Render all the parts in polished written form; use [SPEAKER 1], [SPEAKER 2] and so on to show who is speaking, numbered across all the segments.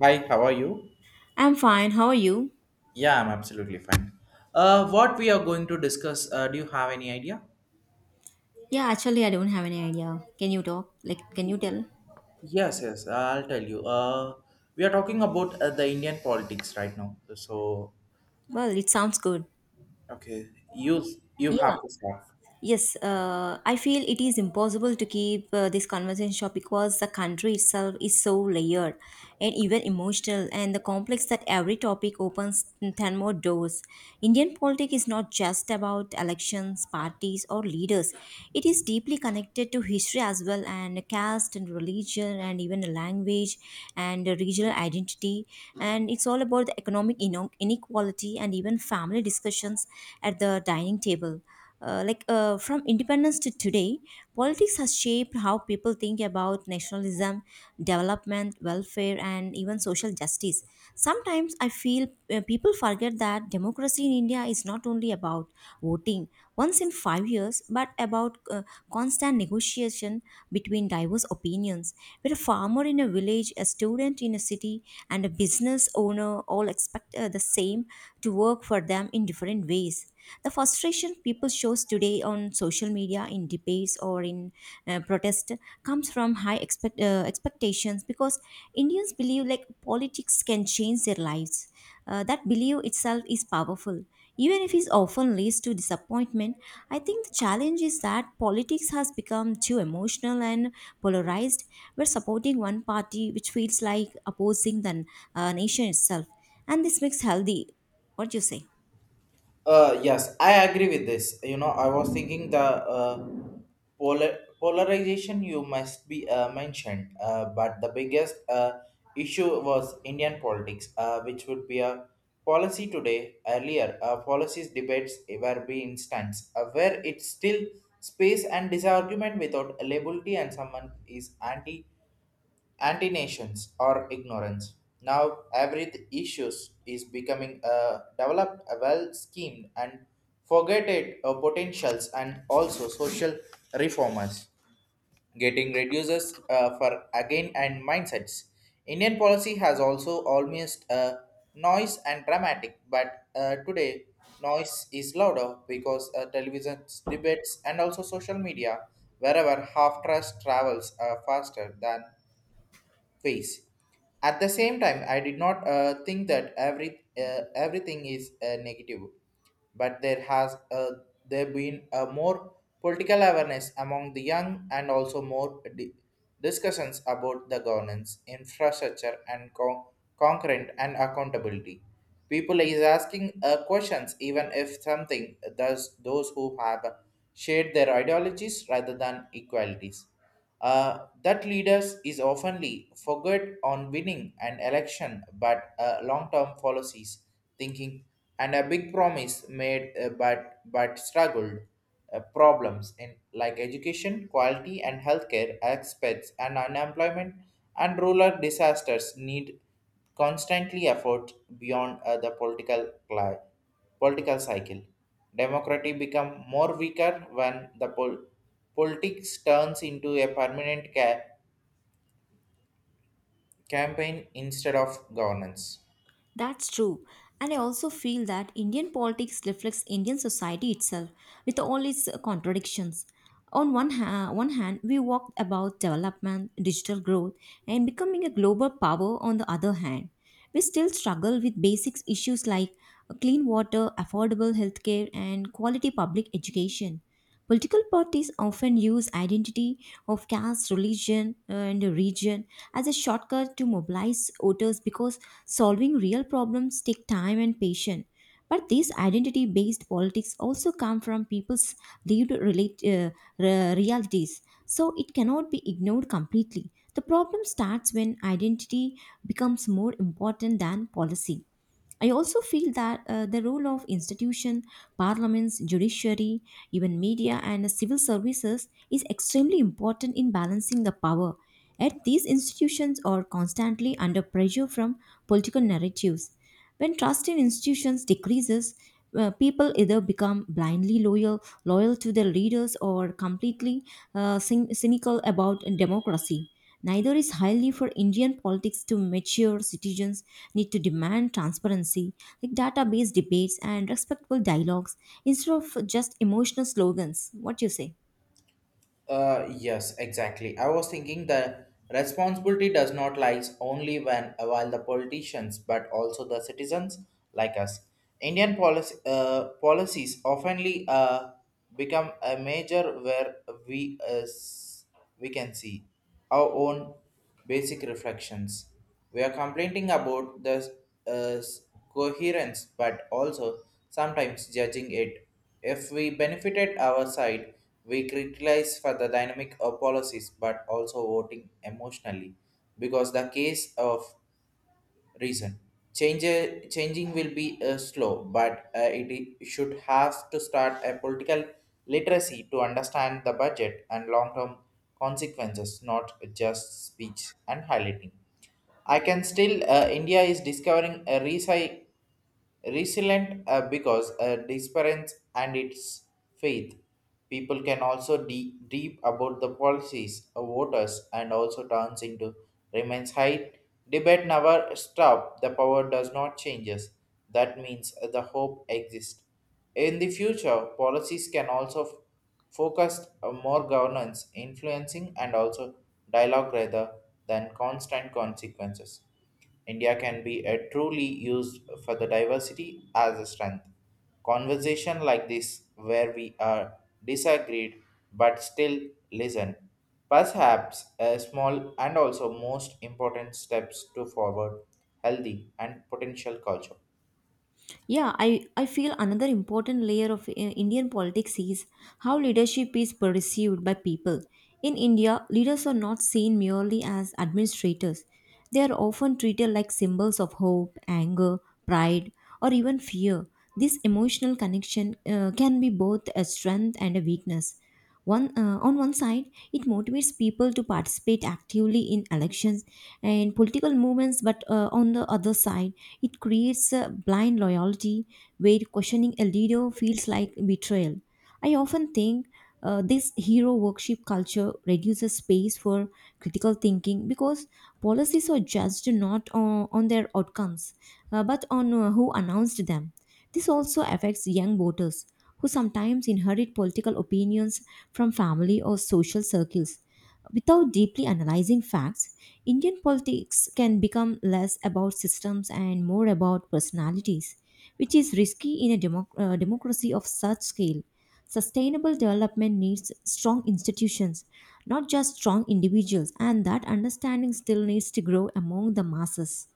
[SPEAKER 1] Hi, how are you?
[SPEAKER 2] I'm fine. How are you?
[SPEAKER 1] Yeah, I'm absolutely fine. What we are going to discuss, do you have any idea?
[SPEAKER 2] Yeah, actually, I don't have any idea. Can you talk? Like, can you tell?
[SPEAKER 1] Yes, I'll tell you. We are talking about the Indian politics right now. So,
[SPEAKER 2] Well, it sounds good.
[SPEAKER 1] okay, you have
[SPEAKER 2] Yeah.
[SPEAKER 1] to start.
[SPEAKER 2] Yes, I feel it is impossible to keep this conversation short because the country itself is so layered and even emotional and the complex that every topic opens 10 more doors. Indian politics is not just about elections, parties or leaders. It is deeply connected to history as well and caste and religion and even the language and the regional identity. And it's all about the economic inequality and even family discussions at the dining table like from independence to today, politics has shaped how people think about nationalism, development, welfare, and even social justice. Sometimes I feel people forget that democracy in India is not only about voting once in 5 years, but about constant negotiation between diverse opinions, where a farmer in a village, a student in a city, and a business owner all expect the same to work for them in different ways. The frustration people shows today on social media, in debates, or in protest comes from high expectations because Indians believe like politics can change their lives. That belief itself is powerful. Even if it often leads to disappointment, I think the challenge is that politics has become too emotional and polarized. We're supporting one party, which feels like opposing the nation itself, and this makes healthy. What do you say?
[SPEAKER 1] Yes, I agree with this. You know, I was thinking the polarization you must be mentioned, but the biggest issue was Indian politics, which would be a policy today. Earlier, policies debates were be instance where it's still space and disagreement without liability, and someone is anti-nations or ignorance. Now issues is becoming a developed, a well-schemed and forgotten potentials and also social reformers getting reduces for again and mindsets. Indian policy has also almost noise and dramatic, but today noise is louder because television debates and also social media wherever half trust travels faster than face. At the same time, I did not think that everything is negative, but there been a more political awareness among the young and also discussions about the governance, infrastructure, and concurrent and accountability. People is asking questions even if something does those who have shared their ideologies rather than equalities. That leaders is oftenly forget on winning an election but long-term policies thinking and a big promise made but struggled problems in like education quality and healthcare aspects and unemployment and rural disasters need constantly effort beyond the political cycle. Democracy become more weaker when the politics turns into a permanent campaign instead of governance.
[SPEAKER 2] That's true. And I also feel that Indian politics reflects Indian society itself with all its contradictions. On one hand, we walk about development, digital growth, and becoming a global power. On the other hand, we still struggle with basic issues like clean water, affordable healthcare, and quality public education. Political parties often use identity of caste, religion, and region as a shortcut to mobilize voters because solving real problems take time and patience. But these identity-based politics also come from people's lived realities, so it cannot be ignored completely. The problem starts when identity becomes more important than policy. I also feel that the role of institution, parliaments, judiciary, even media and civil services is extremely important in balancing the power. Yet these institutions are constantly under pressure from political narratives. When trust in institutions decreases, people either become blindly loyal, loyal to their leaders, or completely cynical about democracy. Neither is highly for Indian politics to mature citizens need to demand transparency, like data-based debates and respectful dialogues instead of just emotional slogans. What do you say?
[SPEAKER 1] Yes, exactly. I was thinking the responsibility does not lies only when while the politicians, but also the citizens like us. Indian policy, policies oftenly become a major where we uh, we can see, our own basic reflections. We are complaining about the uh, coherence, but also sometimes judging it. If we benefited our side, we criticize for the dynamic of policies, but also voting emotionally, because the case of reason. Change, changing will be slow, but should have to start a political literacy to understand the budget and long-term consequences, not just speech and highlighting. India is discovering a recycle resilient because disparence and its faith. People can also deep about the policies of voters and also turns into remains high. Debate never stop. The power does not changes. That means the hope exists. In the future, policies can also focus on more governance, influencing, and also dialogue rather than constant consequences. India can be truly used for the diversity as a strength. Conversation like this, where we are disagreed but still listen, perhaps a small and also most important steps to forward healthy and potential culture.
[SPEAKER 2] Yeah, I feel another important layer of Indian politics is how leadership is perceived by people. In India, leaders are not seen merely as administrators. They are often treated like symbols of hope, anger, pride, or even fear. This emotional connection can be both a strength and a weakness. On one side, it motivates people to participate actively in elections and political movements, but on the other side, it creates a blind loyalty where questioning a leader feels like betrayal. I often think this hero worship culture reduces space for critical thinking because policies are judged not on their outcomes but on who announced them. This also affects young voters who sometimes inherit political opinions from family or social circles. Without deeply analyzing facts, Indian politics can become less about systems and more about personalities, which is risky in a democracy of such scale. Sustainable development needs strong institutions, not just strong individuals, and that understanding still needs to grow among the masses.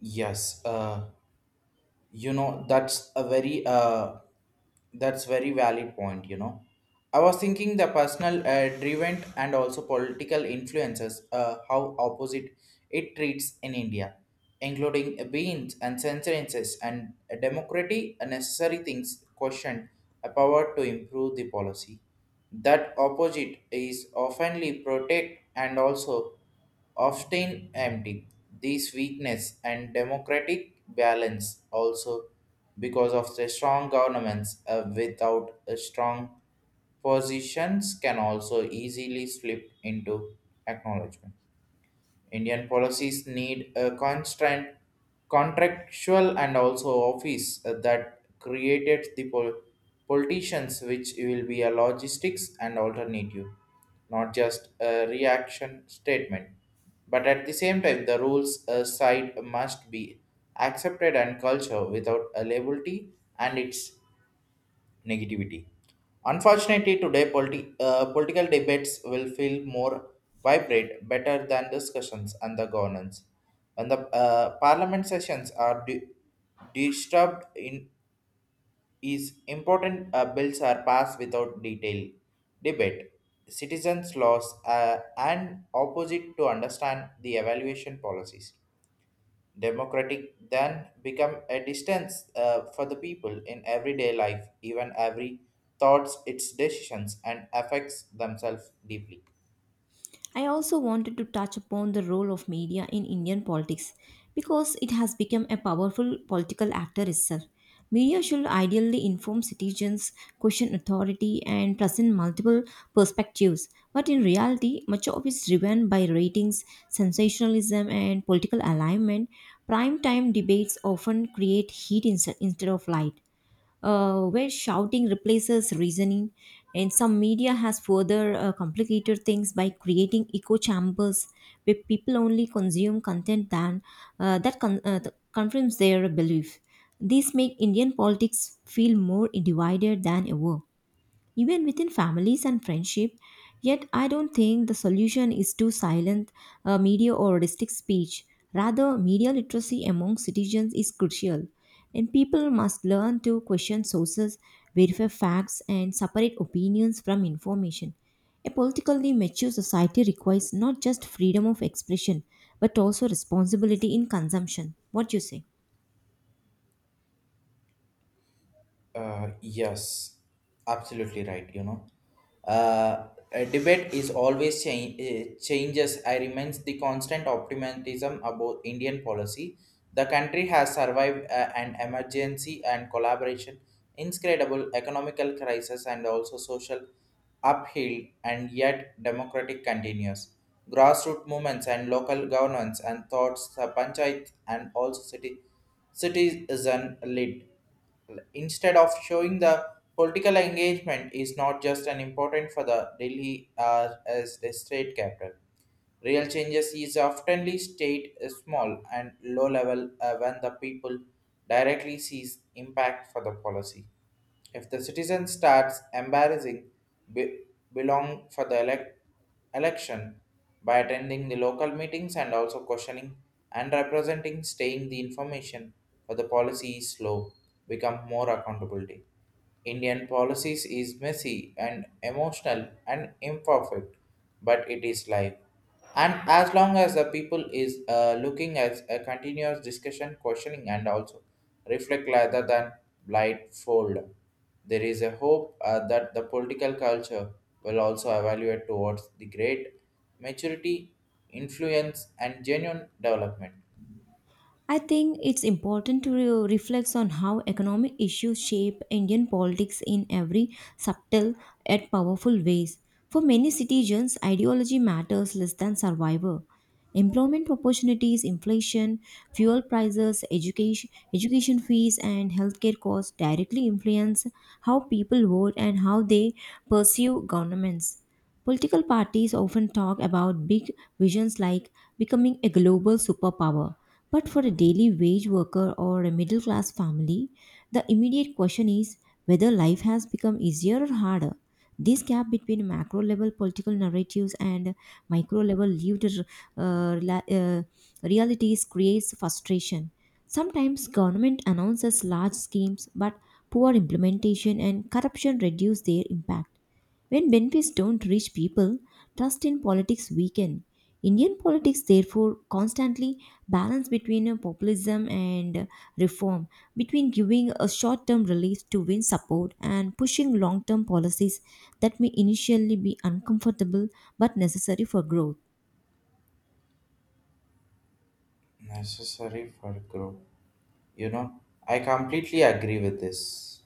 [SPEAKER 1] Yes, you know that's a very that's very valid point, you know, I was thinking the personal driven and also political influences how opposite it treats in India, including beans and censorships and democracy a necessary things questioned a power to improve the policy that opposite is oftenly protect and also often empty. This weakness and democratic balance also because of the strong governments without a strong positions can also easily slip into acknowledgement. Indian policies need a constant contractual and also office that created the politicians which will be a logistics and alternative, not just a reaction statement but at the same time the rules side must be accepted and culture without a liability and its negativity. Unfortunately, today political debates will feel more vibrant, better than discussions and the governance. When the parliament sessions are disturbed, in is important bills are passed without detail debate. Citizens' laws and opposite to understand the evaluation policies democratic then become a distance for the people in everyday life even every thoughts its decisions and affects themselves deeply.
[SPEAKER 2] I also wanted to touch upon the role of media in Indian politics because it has become a powerful political actor itself. Media should ideally inform citizens, question authority, and present multiple perspectives. But in reality, much of it is driven by ratings, sensationalism, and political alignment. Prime time debates often create heat instead of light where shouting replaces reasoning, and some media has further complicated things by creating echo chambers where people only consume content than that con- th- confirms their belief. These make Indian politics feel more divided than ever, even within families and friendship. Yet, I don't think the solution is to silence media or restrict speech. Rather, media literacy among citizens is crucial, and people must learn to question sources, verify facts, and separate opinions from information. A politically mature society requires not just freedom of expression, but also responsibility in consumption. What do you say?
[SPEAKER 1] Yes, absolutely right. You know, a debate is always changes. I remains the constant optimism about Indian policy. The country has survived an emergency and collaboration, incredible economical crisis, and also social uphill, and yet democratic continues. Grassroots movements and local governance and thoughts, panchayat and also city citizen led instead of showing the political engagement is not just an important for the Delhi as the state capital. Real changes is oftenly state small and low level when the people directly sees impact for the policy. If the citizen starts embarrassing be- belong for the election by attending the local meetings and also questioning and representing staying the information for the policy is slow become more accountability. Indian policies is messy and emotional and imperfect, but it is life. And as long as the people is looking at a continuous discussion, questioning, and also reflect rather than blindfold. There is a hope that the political culture will also evaluate towards the great maturity, influence, and genuine development
[SPEAKER 2] I think it's important to reflect on how economic issues shape Indian politics in every subtle yet powerful ways. For many citizens, ideology matters less than survival. Employment opportunities, inflation, fuel prices, education, education fees, and healthcare costs directly influence how people vote and how they pursue governments. Political parties often talk about big visions like becoming a global superpower, but for a daily wage worker or a middle class family, the immediate question is whether life has become easier or harder. This gap between macro level political narratives and micro level lived rela- uh, realities creates frustration. Sometimes government announces large schemes, but poor implementation and corruption reduce their impact. When benefits don't reach people, trust in politics weaken. Indian politics therefore constantly balance between populism and reform, between giving a short-term relief to win support and pushing long-term policies that may initially be uncomfortable but necessary for growth.
[SPEAKER 1] necessary for growth. You know, I completely agree with this.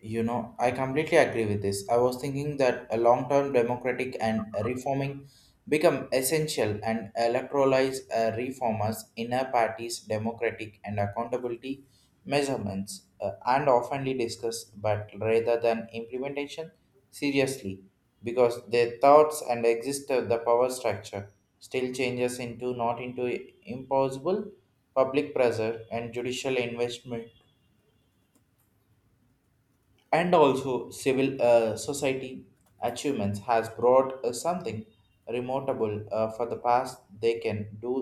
[SPEAKER 1] I completely agree with this. I was thinking that a long-term democratic and reforming become essential and electoralize reformers, inner parties, democratic and accountability measurements, and oftenly discussed, but rather than implementation, seriously, because their thoughts and exist of the power structure still changes into not into impossible public pressure and judicial investment and also civil society achievements has brought something remarkable for the past they can do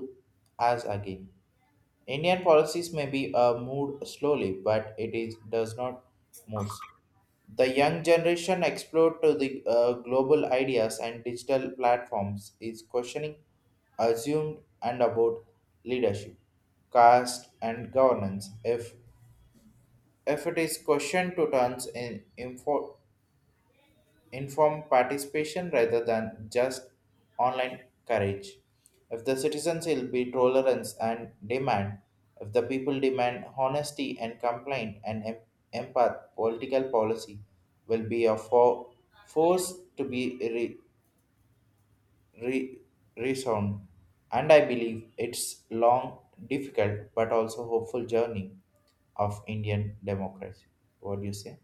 [SPEAKER 1] as again Indian policies may be moved slowly but it is does not move. The young generation explored to the global ideas and digital platforms is questioning assumed and about leadership caste and governance. If if it is questioned to turns in info informed participation rather than just online courage. If the citizens will be tolerance and demand, if the people demand honesty and complaint and empath, political policy will be a force to be re- resound. And I believe it's long, difficult, but also hopeful journey of Indian democracy. What do you say?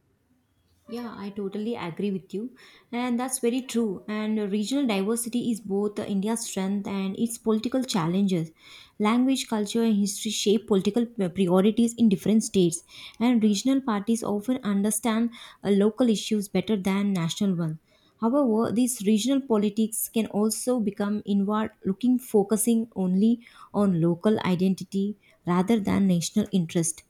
[SPEAKER 2] Yeah, I totally agree with you. And that's very true. And regional diversity is both India's strength and its political challenges. Language, culture, and history shape political priorities in different states. And regional parties often understand local issues better than national ones. However, these regional politics can also become inward looking, focusing only on local identity rather than national interest.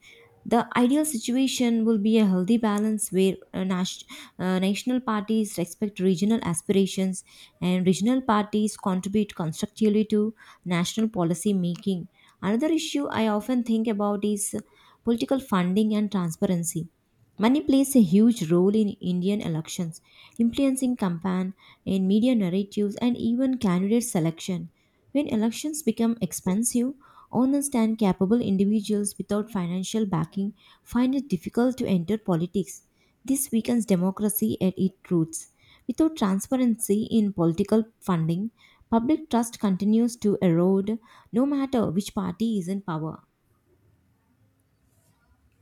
[SPEAKER 2] The ideal situation will be a healthy balance where national parties respect regional aspirations and regional parties contribute constructively to national policy making. Another issue I often think about is political funding and transparency. Money plays a huge role in Indian elections, influencing campaign and media narratives and even candidate selection. When elections become expensive, honest and capable individuals without financial backing find it difficult to enter politics. This weakens democracy at its roots. Without transparency in political funding, public trust continues to erode no matter which party is in power.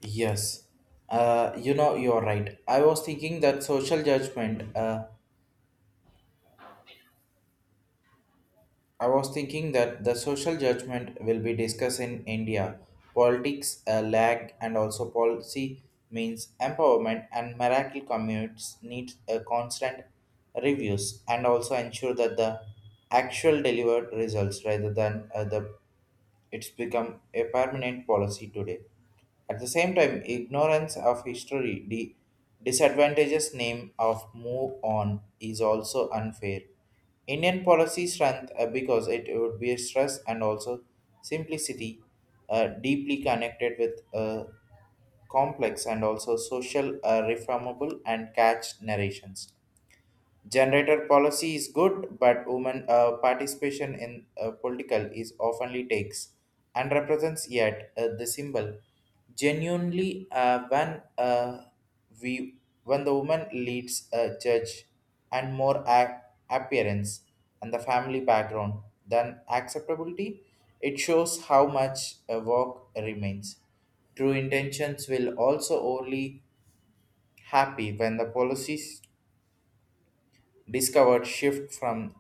[SPEAKER 1] Yes, you know, you're right. I was thinking that the social judgment will be discussed in India. Politics, lag, and also policy means empowerment and miracle commutes need a constant reviews and also ensure that the actual delivered results rather than the it's become a permanent policy today. At the same time, ignorance of history, the disadvantages name of move on is also unfair. Indian policy strength because it would be a stress and also simplicity, deeply connected with complex and also social reformable and catch narrations. Generator policy is good, but women participation in political is oftenly takes and represents yet the symbol. Genuinely, when the woman leads a church and more appearance and the family background than acceptability, it shows how much a work remains. True intentions will also only happy when the policies discovered shift from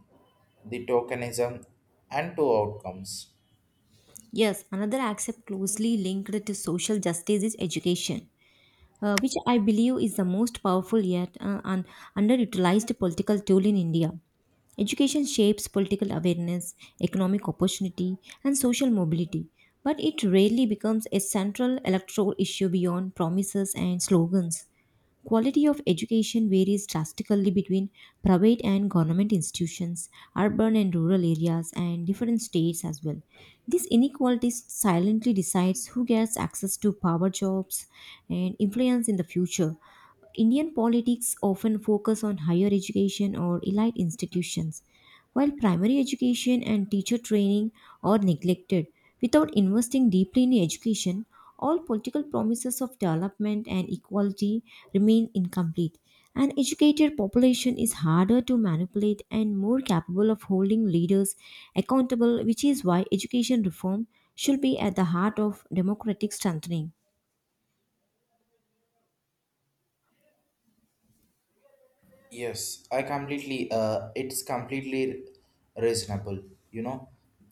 [SPEAKER 1] the tokenism and to outcomes.
[SPEAKER 2] Yes, another aspect closely linked to social justice is education, which I believe is the most powerful yet and underutilized political tool in India. Education shapes political awareness, economic opportunity, and social mobility, but it rarely becomes a central electoral issue beyond promises and slogans. Quality of education varies drastically between private and government institutions, urban and rural areas, and different states as well. This inequality silently decides who gets access to power jobs, and influence in the future. Indian politics often focus on higher education or elite institutions, while primary education and teacher training are neglected. Without investing deeply in education, all political promises of development and equality remain incomplete. An educated population is harder to manipulate and more capable of holding leaders accountable, which is why education reform should be at the heart of democratic strengthening.
[SPEAKER 1] Yes, I completely it's completely reasonable, you know.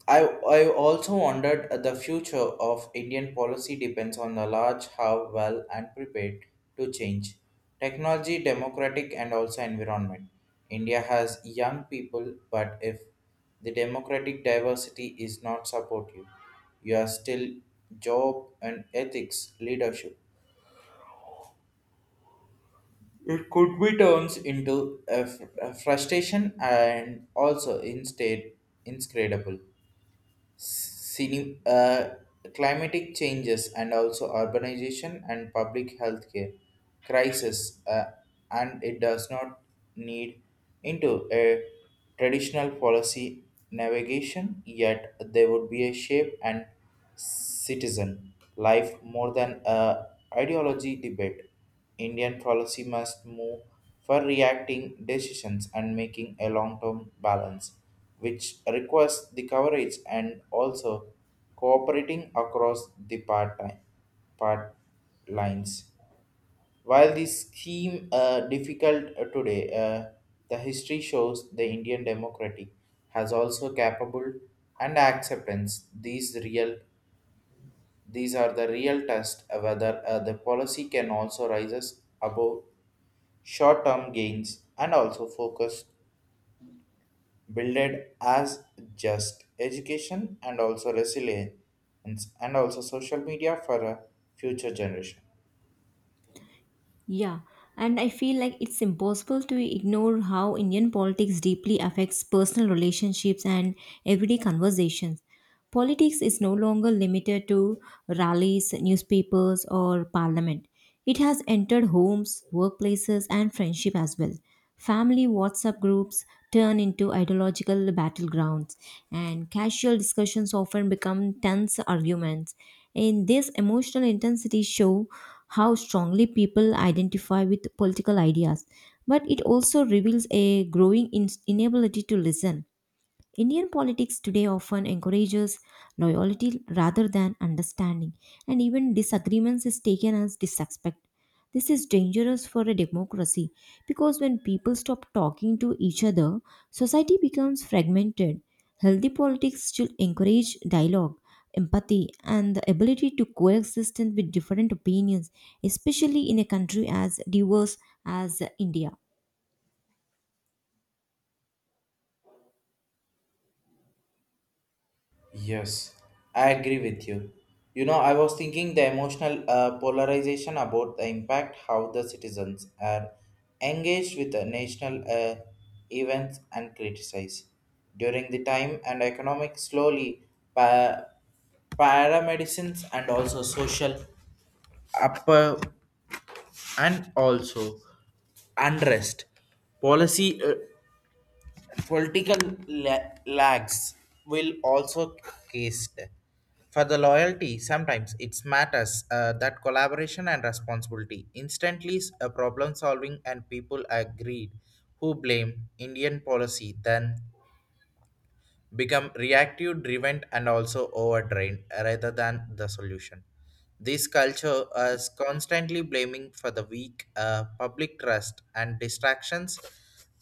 [SPEAKER 1] I I also wondered the future of Indian policy depends on the large how well and prepared to change. Technology, democratic and also environment. India has young people, but if the democratic diversity is not supportive, you are still job and ethics leadership, it could be turned into a frustration and also instead inscredible. Cine, climatic changes and also urbanization and public health care crisis, and it does not need into a traditional policy navigation yet there would be a shape and citizen life more than a ideology debate. Indian policy must move for reacting decisions and making a long-term balance, which requires the coverage and also cooperating across the part lines. While this scheme difficult today, the history shows the Indian democracy has also capable and acceptance these are the real test of whether the policy can also rises above short-term gains and also focus builded as just education and also resilience and also social media for a future generation.
[SPEAKER 2] Yeah, and I feel like it's impossible to ignore how Indian politics deeply affects personal relationships and everyday conversations. Politics is no longer limited to rallies, newspapers, or parliament. It has entered homes, workplaces, and friendship as well. Family WhatsApp groups turn into ideological battlegrounds, and casual discussions often become tense arguments. In this emotional intensity show how strongly people identify with political ideas, but it also reveals a growing inability to listen. Indian politics today often encourages loyalty rather than understanding, and even disagreements is taken as disrespect. This is dangerous for a democracy because when people stop talking to each other, society becomes fragmented. Healthy politics should encourage dialogue, empathy, and the ability to coexist with different opinions, especially in a country as diverse as India.
[SPEAKER 1] Yes, I agree with you. You know, I was thinking the emotional polarization about the impact how the citizens are engaged with the national events and criticize. During the time and economic slowly pa- paramedicines and also social upper and also unrest policy political lags will also cased. For the loyalty, sometimes it matters that collaboration and responsibility. Instantly, problem solving and people agreed who blame Indian policy then become reactive driven and also overdrained rather than the solution. This culture is constantly blaming for the weak public trust and distractions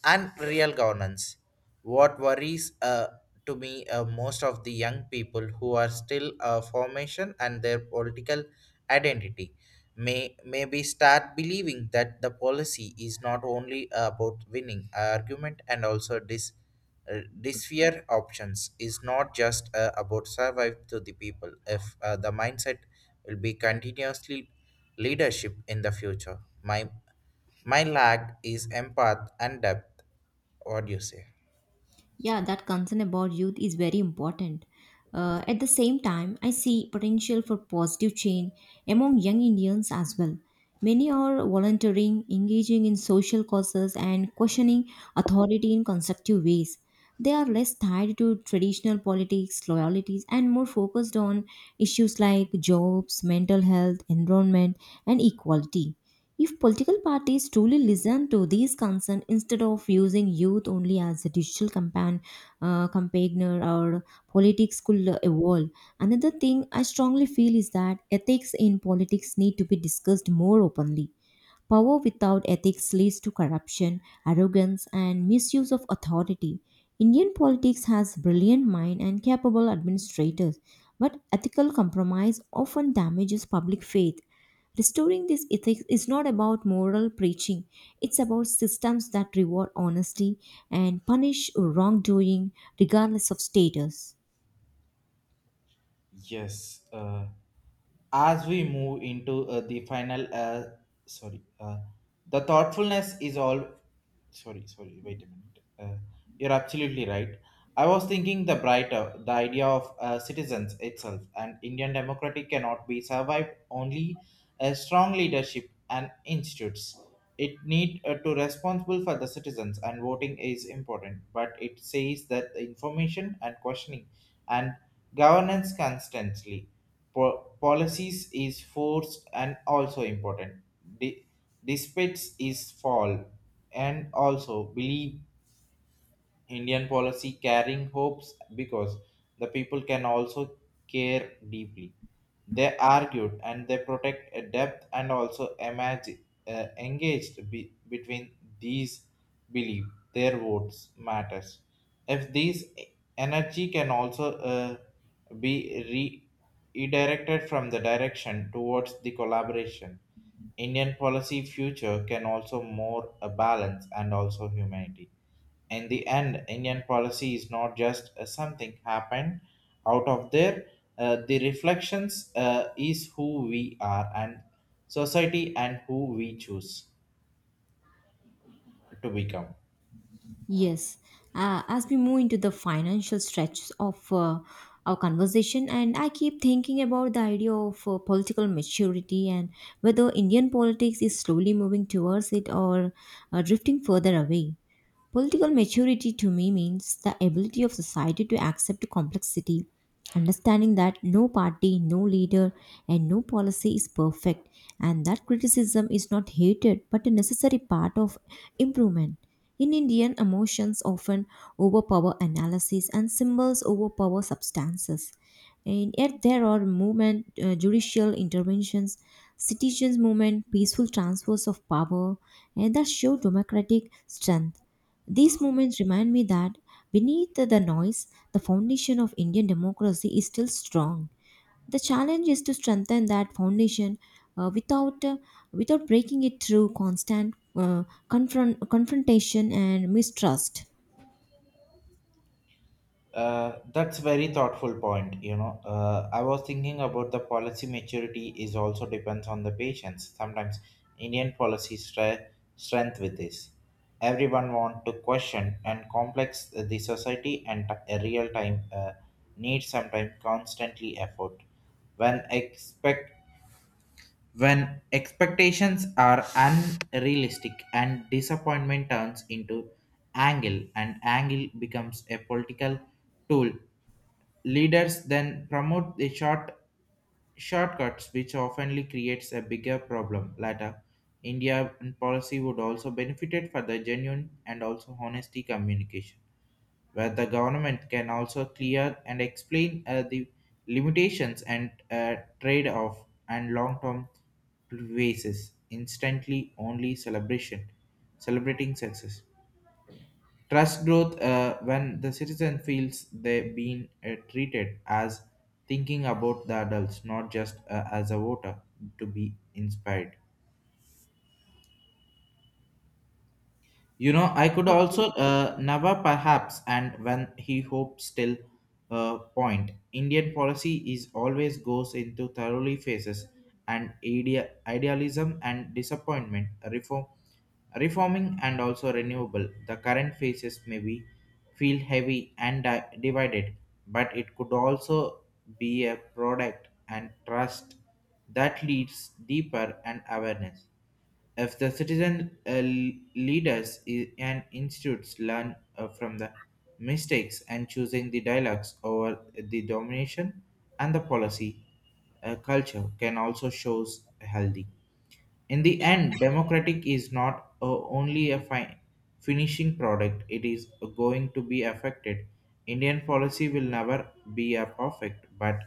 [SPEAKER 1] and real governance. What worries to me, most of the young people who are still formation and their political identity maybe start believing that the policy is not only about winning argument and also dis this fear options is not just about survive to the people. If the mindset will be continuously leadership in the future, my lag is empath and depth. What do you say?
[SPEAKER 2] Yeah, that concern about youth is very important. At the same time, I see potential for positive change among young Indians as well. Many are volunteering, engaging in social causes, and questioning authority in constructive ways. They are less tied to traditional politics, loyalties, and more focused on issues like jobs, mental health, environment, and equality. If political parties truly listen to these concerns instead of using youth only as a digital campaigner, our politics could evolve. Another thing I strongly feel is that ethics in politics need to be discussed more openly. Power without ethics leads to corruption, arrogance, and misuse of authority. Indian politics has brilliant minds and capable administrators, but ethical compromise often damages public faith. Restoring this ethics is not about moral preaching, it's about systems that reward honesty and punish wrongdoing regardless of status.
[SPEAKER 1] Yes, as we move into the final sorry, the thoughtfulness is all, sorry, wait a minute, you're absolutely right. I was thinking the brighter the idea of citizens itself, and Indian democracy cannot be survived only a strong leadership and institutes. It need to responsible for the citizens, and voting is important, but it says that the information and questioning and governance constantly policies is forced and also important. De- Despite its fall and also believe Indian policy carrying hopes because the people can also care deeply. They argued and they protect a depth and also imagine, engaged between these believe their votes matters. If these energy can also be re- redirected from the direction towards the collaboration, Indian policy future can also more a balance and also humanity. In the end, Indian policy is not just something happened out of there. Uh, the reflections is who we are and society and who we choose to become.
[SPEAKER 2] Yes, as we move into the financial stretch of our conversation, and I keep thinking about the idea of political maturity and whether Indian politics is slowly moving towards it or drifting further away. Political maturity to me means the ability of society to accept complexity, understanding that no party, no leader, and no policy is perfect, and that criticism is not hated but a necessary part of improvement. In Indian, emotions often overpower analysis and symbols overpower substances. And yet, there are movement, judicial interventions, citizens' movement, peaceful transfers of power, and that show democratic strength. These moments remind me that beneath the noise, the foundation of Indian democracy is still strong. The challenge is to strengthen that foundation uh, without uh, without breaking it through constant confrontation and mistrust.
[SPEAKER 1] That's very thoughtful point. You know, I was thinking about the policy maturity is also depends on the patients. Sometimes Indian policy strength with this. Everyone want to question and complex the society and a real time need sometimes constantly effort. When expect when expectations are unrealistic and disappointment turns into angle, and angle becomes a political tool. Leaders then promote the shortcuts, which often creates a bigger problem later. India and policy would also benefit for the genuine and also honesty communication, where the government can also clear and explain the limitations and trade-off and long-term basis. Instantly, celebrating success. Trust growth when the citizen feels they've been treated as thinking about the adults, not just as a voter to be inspired. You know, I could also never perhaps, and when he hopes still point. Indian policy is always goes into thoroughly phases and idealism and disappointment, reforming and also renewable. The current phases may be feel heavy and divided, but it could also be a product and trust that leads deeper and awareness. If the citizen, leaders and institutes learn from the mistakes and choosing the dialogues over the domination and the policy, culture can also shows healthy. In the end, democratic is not only a finishing product, it is going to be affected. Indian policy will never be a perfect, but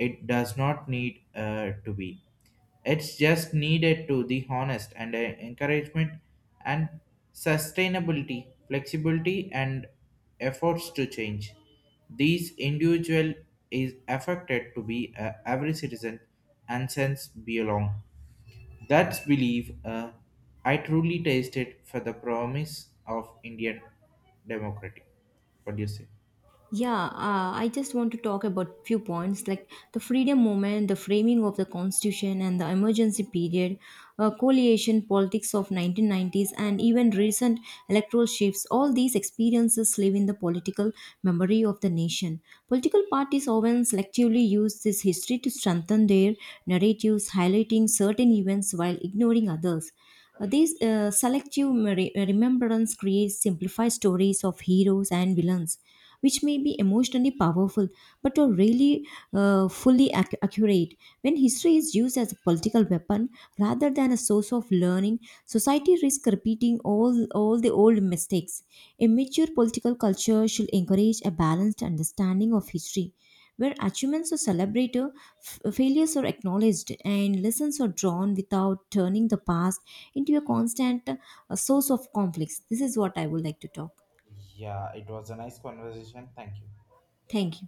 [SPEAKER 1] it does not need to be. It's just needed to the honest and encouragement and sustainability, flexibility and efforts to change. These individual is affected to be every citizen and sense belong. That's believe, I truly tasted for the promise of Indian democracy. What do you say?
[SPEAKER 2] Yeah, I just want to talk about few points like the freedom movement, the framing of the constitution and the emergency period, coalition politics of 1990s and even recent electoral shifts. All these experiences live in the political memory of the nation. Political parties often selectively use this history to strengthen their narratives, highlighting certain events while ignoring others. These selective remembrance creates simplified stories of heroes and villains, which may be emotionally powerful but are really fully accurate. When history is used as a political weapon rather than a source of learning, society risks repeating all the old mistakes. A mature political culture should encourage a balanced understanding of history, where achievements are celebrated, failures are acknowledged, and lessons are drawn without turning the past into a constant source of conflicts. This is what I would like to talk.
[SPEAKER 1] Yeah, it was a nice conversation. Thank you.
[SPEAKER 2] Thank you.